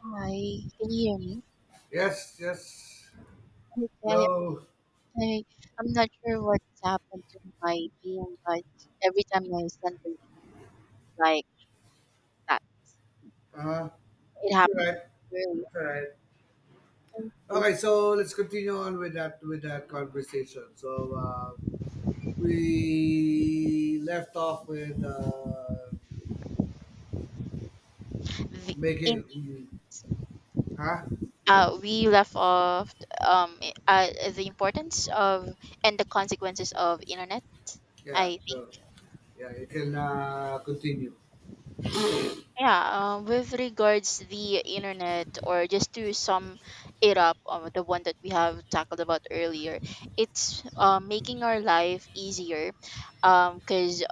Hi, can you hear me? Yes, yes. Okay, Hello. I, I'm not sure what's happened to my beam, but every time I send the link, it's like that. Uh, It it's all happened right, earlier. it's all right. In Okay, so let's continue on with that conversation. We left off with the, making, in, huh? We left off, um, uh, the importance of and the consequences of internet, Yeah, I think. so yeah, you can continue. Yeah, with regards the internet, or just to sum it up, the one that we have tackled about earlier, it's making our life easier, because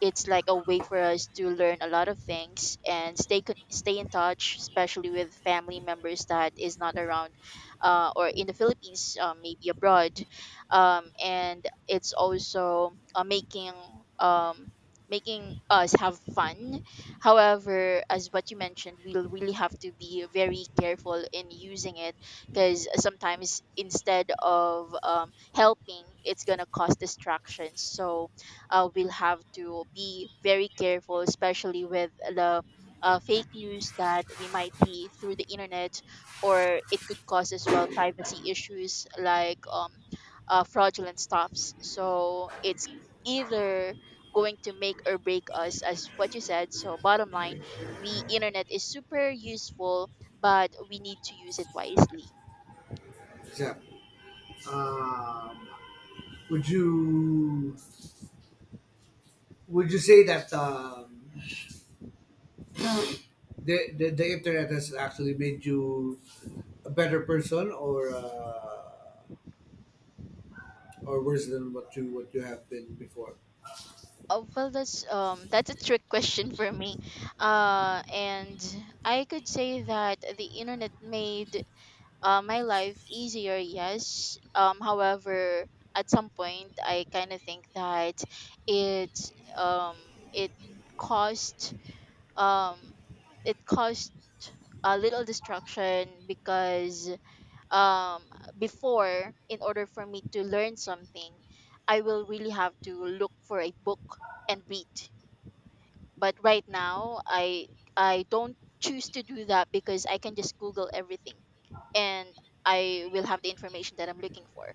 it's like a way for us to learn a lot of things and stay in touch, especially with family members that is not around, or in the Philippines, maybe abroad, and it's also um, making us have fun. However, as what you mentioned, we'll really have to be very careful in using it because sometimes instead of helping, it's gonna cause distractions. So we'll have to be very careful, especially with the fake news that we might see through the internet, or it could cause as well privacy issues like fraudulent stuffs. So it's either going to make or break us, as what you said. So bottom line, the internet is super useful, but we need to use it wisely. Except, um, would you would you say that the internet has actually made you a better person? Or worse than what you have been before. Oh, well, that's a trick question for me, and I could say that the internet made my life easier. Yes, however, at some point, I kind of think that it um it caused um caused a little distraction because um before, in order for me to learn something, I will really have to look for a book and read. But right now, I don't choose to do that because I can just google everything, and I will have the information that I'm looking for.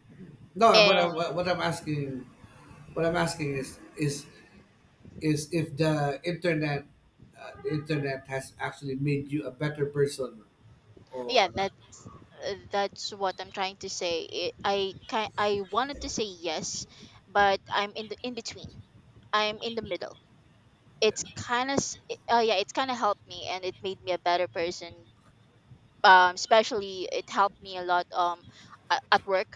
No, what And I'm asking, what I'm asking is if the internet, the internet has actually made you a better person yeah, or that's what I'm trying to say. It, i can i wanted to say yes, but I'm in between. I'm in the middle. It's kind of, yeah, it's kind of helped me and it made me a better person. Especially, it helped me a lot, at work,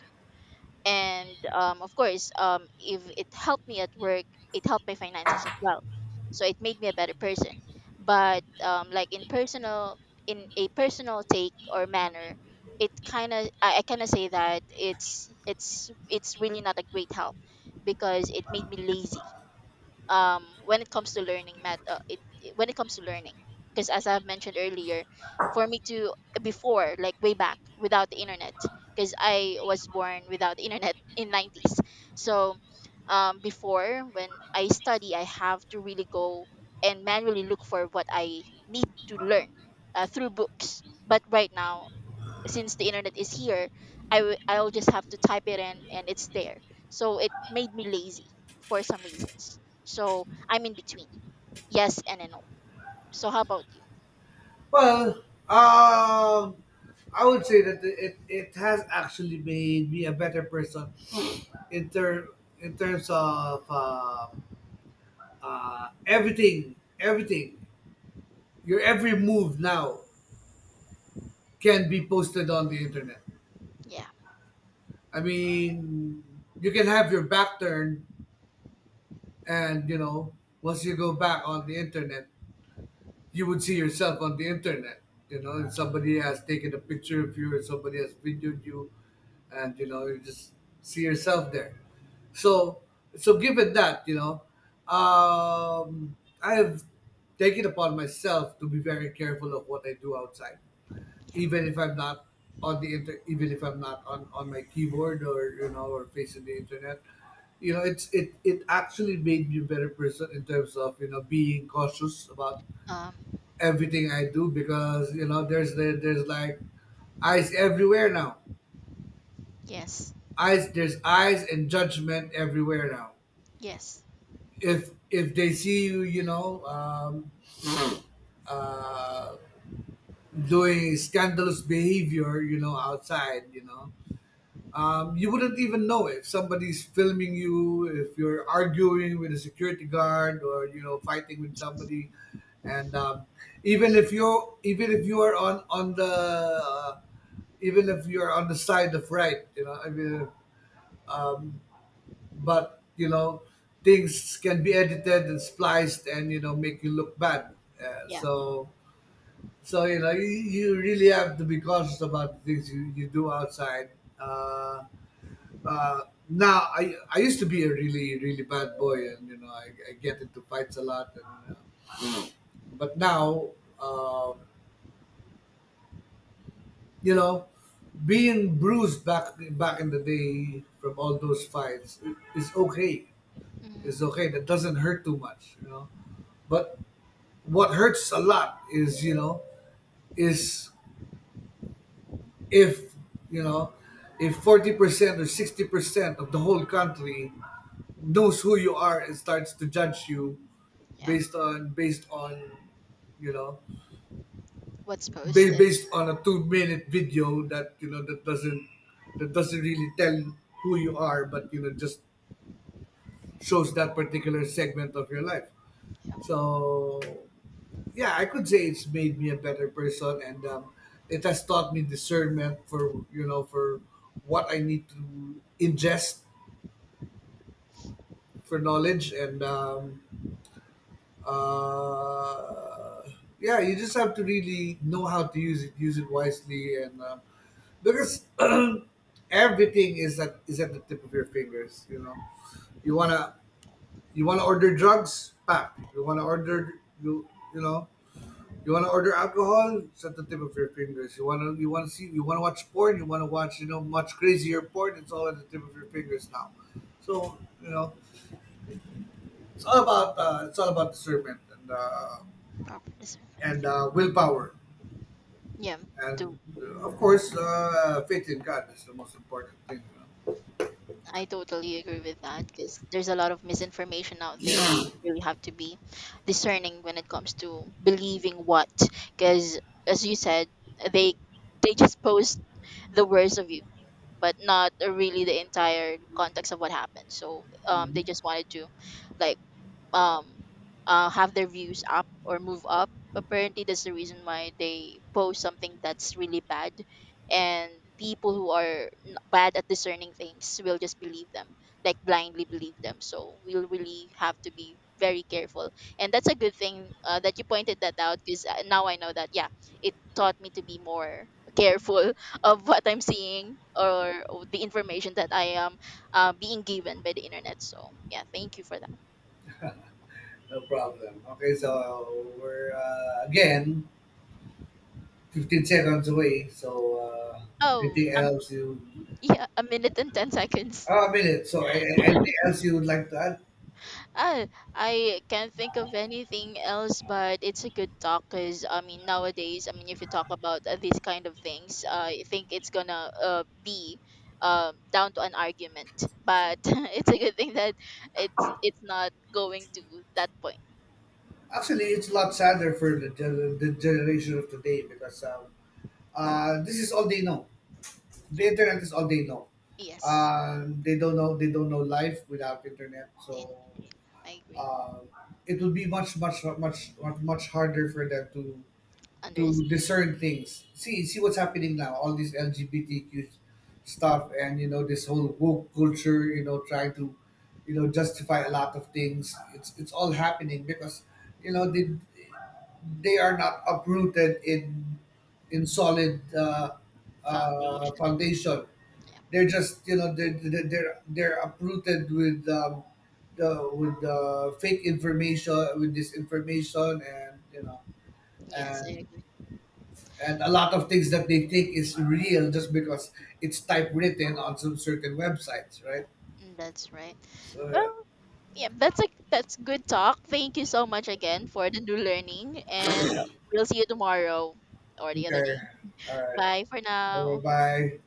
and of course, if it helped me at work, it helped my finances as well. So it made me a better person. But like, in a personal take or manner, it kind of I kind of say that it's really not a great help because it made me lazy, when it comes to learning math, when it comes to learning, because as I've mentioned earlier, for me to before, like way back without the internet, because I was born without the internet in 90s. So before, when I study, I have to really go and manually look for what I need to learn through books. But right now, since the internet is here, I'll just have to type it in and it's there. So it made me lazy for some reasons. So I'm in between. Yes and a no. So how about you? well um I would say that it has actually made me a better person in ter- in terms of everything. Everything your every move now can be posted on the internet. Yeah. I mean, you can have your back turned, and you know, once you go back on the internet, you would see yourself on the internet. You know, and somebody has taken a picture of you, and somebody has videoed you, and you know, you just see yourself there. So, so given that, you know, um, I have taken upon myself to be very careful of what I do outside, Yeah. even if I'm not even if I'm not on on my keyboard or you know or facing the internet. You know, it's it actually made me a better person in terms of you know being cautious about Um everything I do, because you know there's like eyes everywhere now. yes. Eyes There's eyes and judgment everywhere now. Yes. If they see you, you know, uh, doing scandalous behavior, you know, outside, you know, um, you wouldn't even know if somebody's filming you, if you're arguing with a security guard, or you know fighting with somebody, and even if you're even if you are on the even if you're on the side of right, you know, I mean, um, but you know things can be edited and spliced and you know make you look bad. Uh, Yeah. so so you know you, you really have to be cautious about the things you, you do outside. Uh, uh, Now I used to be a really really bad boy, and you know I get into fights a lot, and but now, um, you know, being bruised back in the day from all those fights is okay. Is Mm, okay. That doesn't hurt too much, you know. But what hurts a lot is you know is if you know if 40% or 60% of the whole country knows who you are and starts to judge you yeah. based on you know What's posted? based on a 2 minute video that you know that doesn't really tell who you are but you know just shows that particular segment of your life. Yeah. So yeah, I could say it's made me a better person, and it has taught me discernment for you know for what I need to ingest for knowledge, and uh, yeah, you just have to really know how to use it wisely, and because everything is at the tip of your fingers. You know, you wanna order drugs, pap. You wanna order, you you know you wanna order alcohol, it's at the tip of your fingers. You wanna see, you wanna watch porn, you wanna watch you know much crazier porn. It's all at the tip of your fingers now. So you know, it's all about discernment, and uh, Proper discernment. and uh, willpower, Yeah. And Do uh, of course, faith in God is the most important thing, no? I totally agree with that because there's a lot of misinformation out there. So you really have to be discerning when it comes to believing what. Because as you said, they they just post the worst of you, but not really the entire context of what happened. So they just wanted to, like, um have their views up or move up. Apparently, that's the reason why they post something that's really bad, and people who are bad at discerning things will just believe them, like blindly believe them. So we'll really have to be very careful, and that's a good thing that you pointed that out, because now I know that, yeah, it taught me to be more careful of what I'm seeing or the information that I am being given by the internet. So yeah, thank you for that. No problem. Okay, so we're again 15 seconds away. So Oh. anything else you? Mm-hmm. Yeah, a minute and 10 seconds. Oh, a minute. So anything else you would like to add? Ah, I can't think of anything else, but it's a good talk because, I mean, nowadays, I mean, if you talk about these kind of things, I think it's gonna be, down to an argument. But it's a good thing that it's not going to that point. Actually, it's a lot sadder for the generation of today because this is all they know. The internet is all they know. Yes, They don't know. They don't know life without internet. in So I agree. uh, it would be much, much, much, much, much harder for them to Understand. discern things. See, see what's happening now. All this LGBTQ stuff, and you know this whole woke culture. You know, trying to, you know, justify a lot of things. It's all happening because, you know, they are not uprooted in solid Foundation. foundation. Yeah. They're just you know they're uprooted with the with the fake information with disinformation and you know Yes, and I and a lot of things that they think is real just because it's typewritten on some certain websites, right? Mm, that's right. So Well, yeah, that's good talk. Thank you so much again for the new learning, and we'll see you tomorrow or yeah. the other day. Okay, all right, Bye for bye now. bye.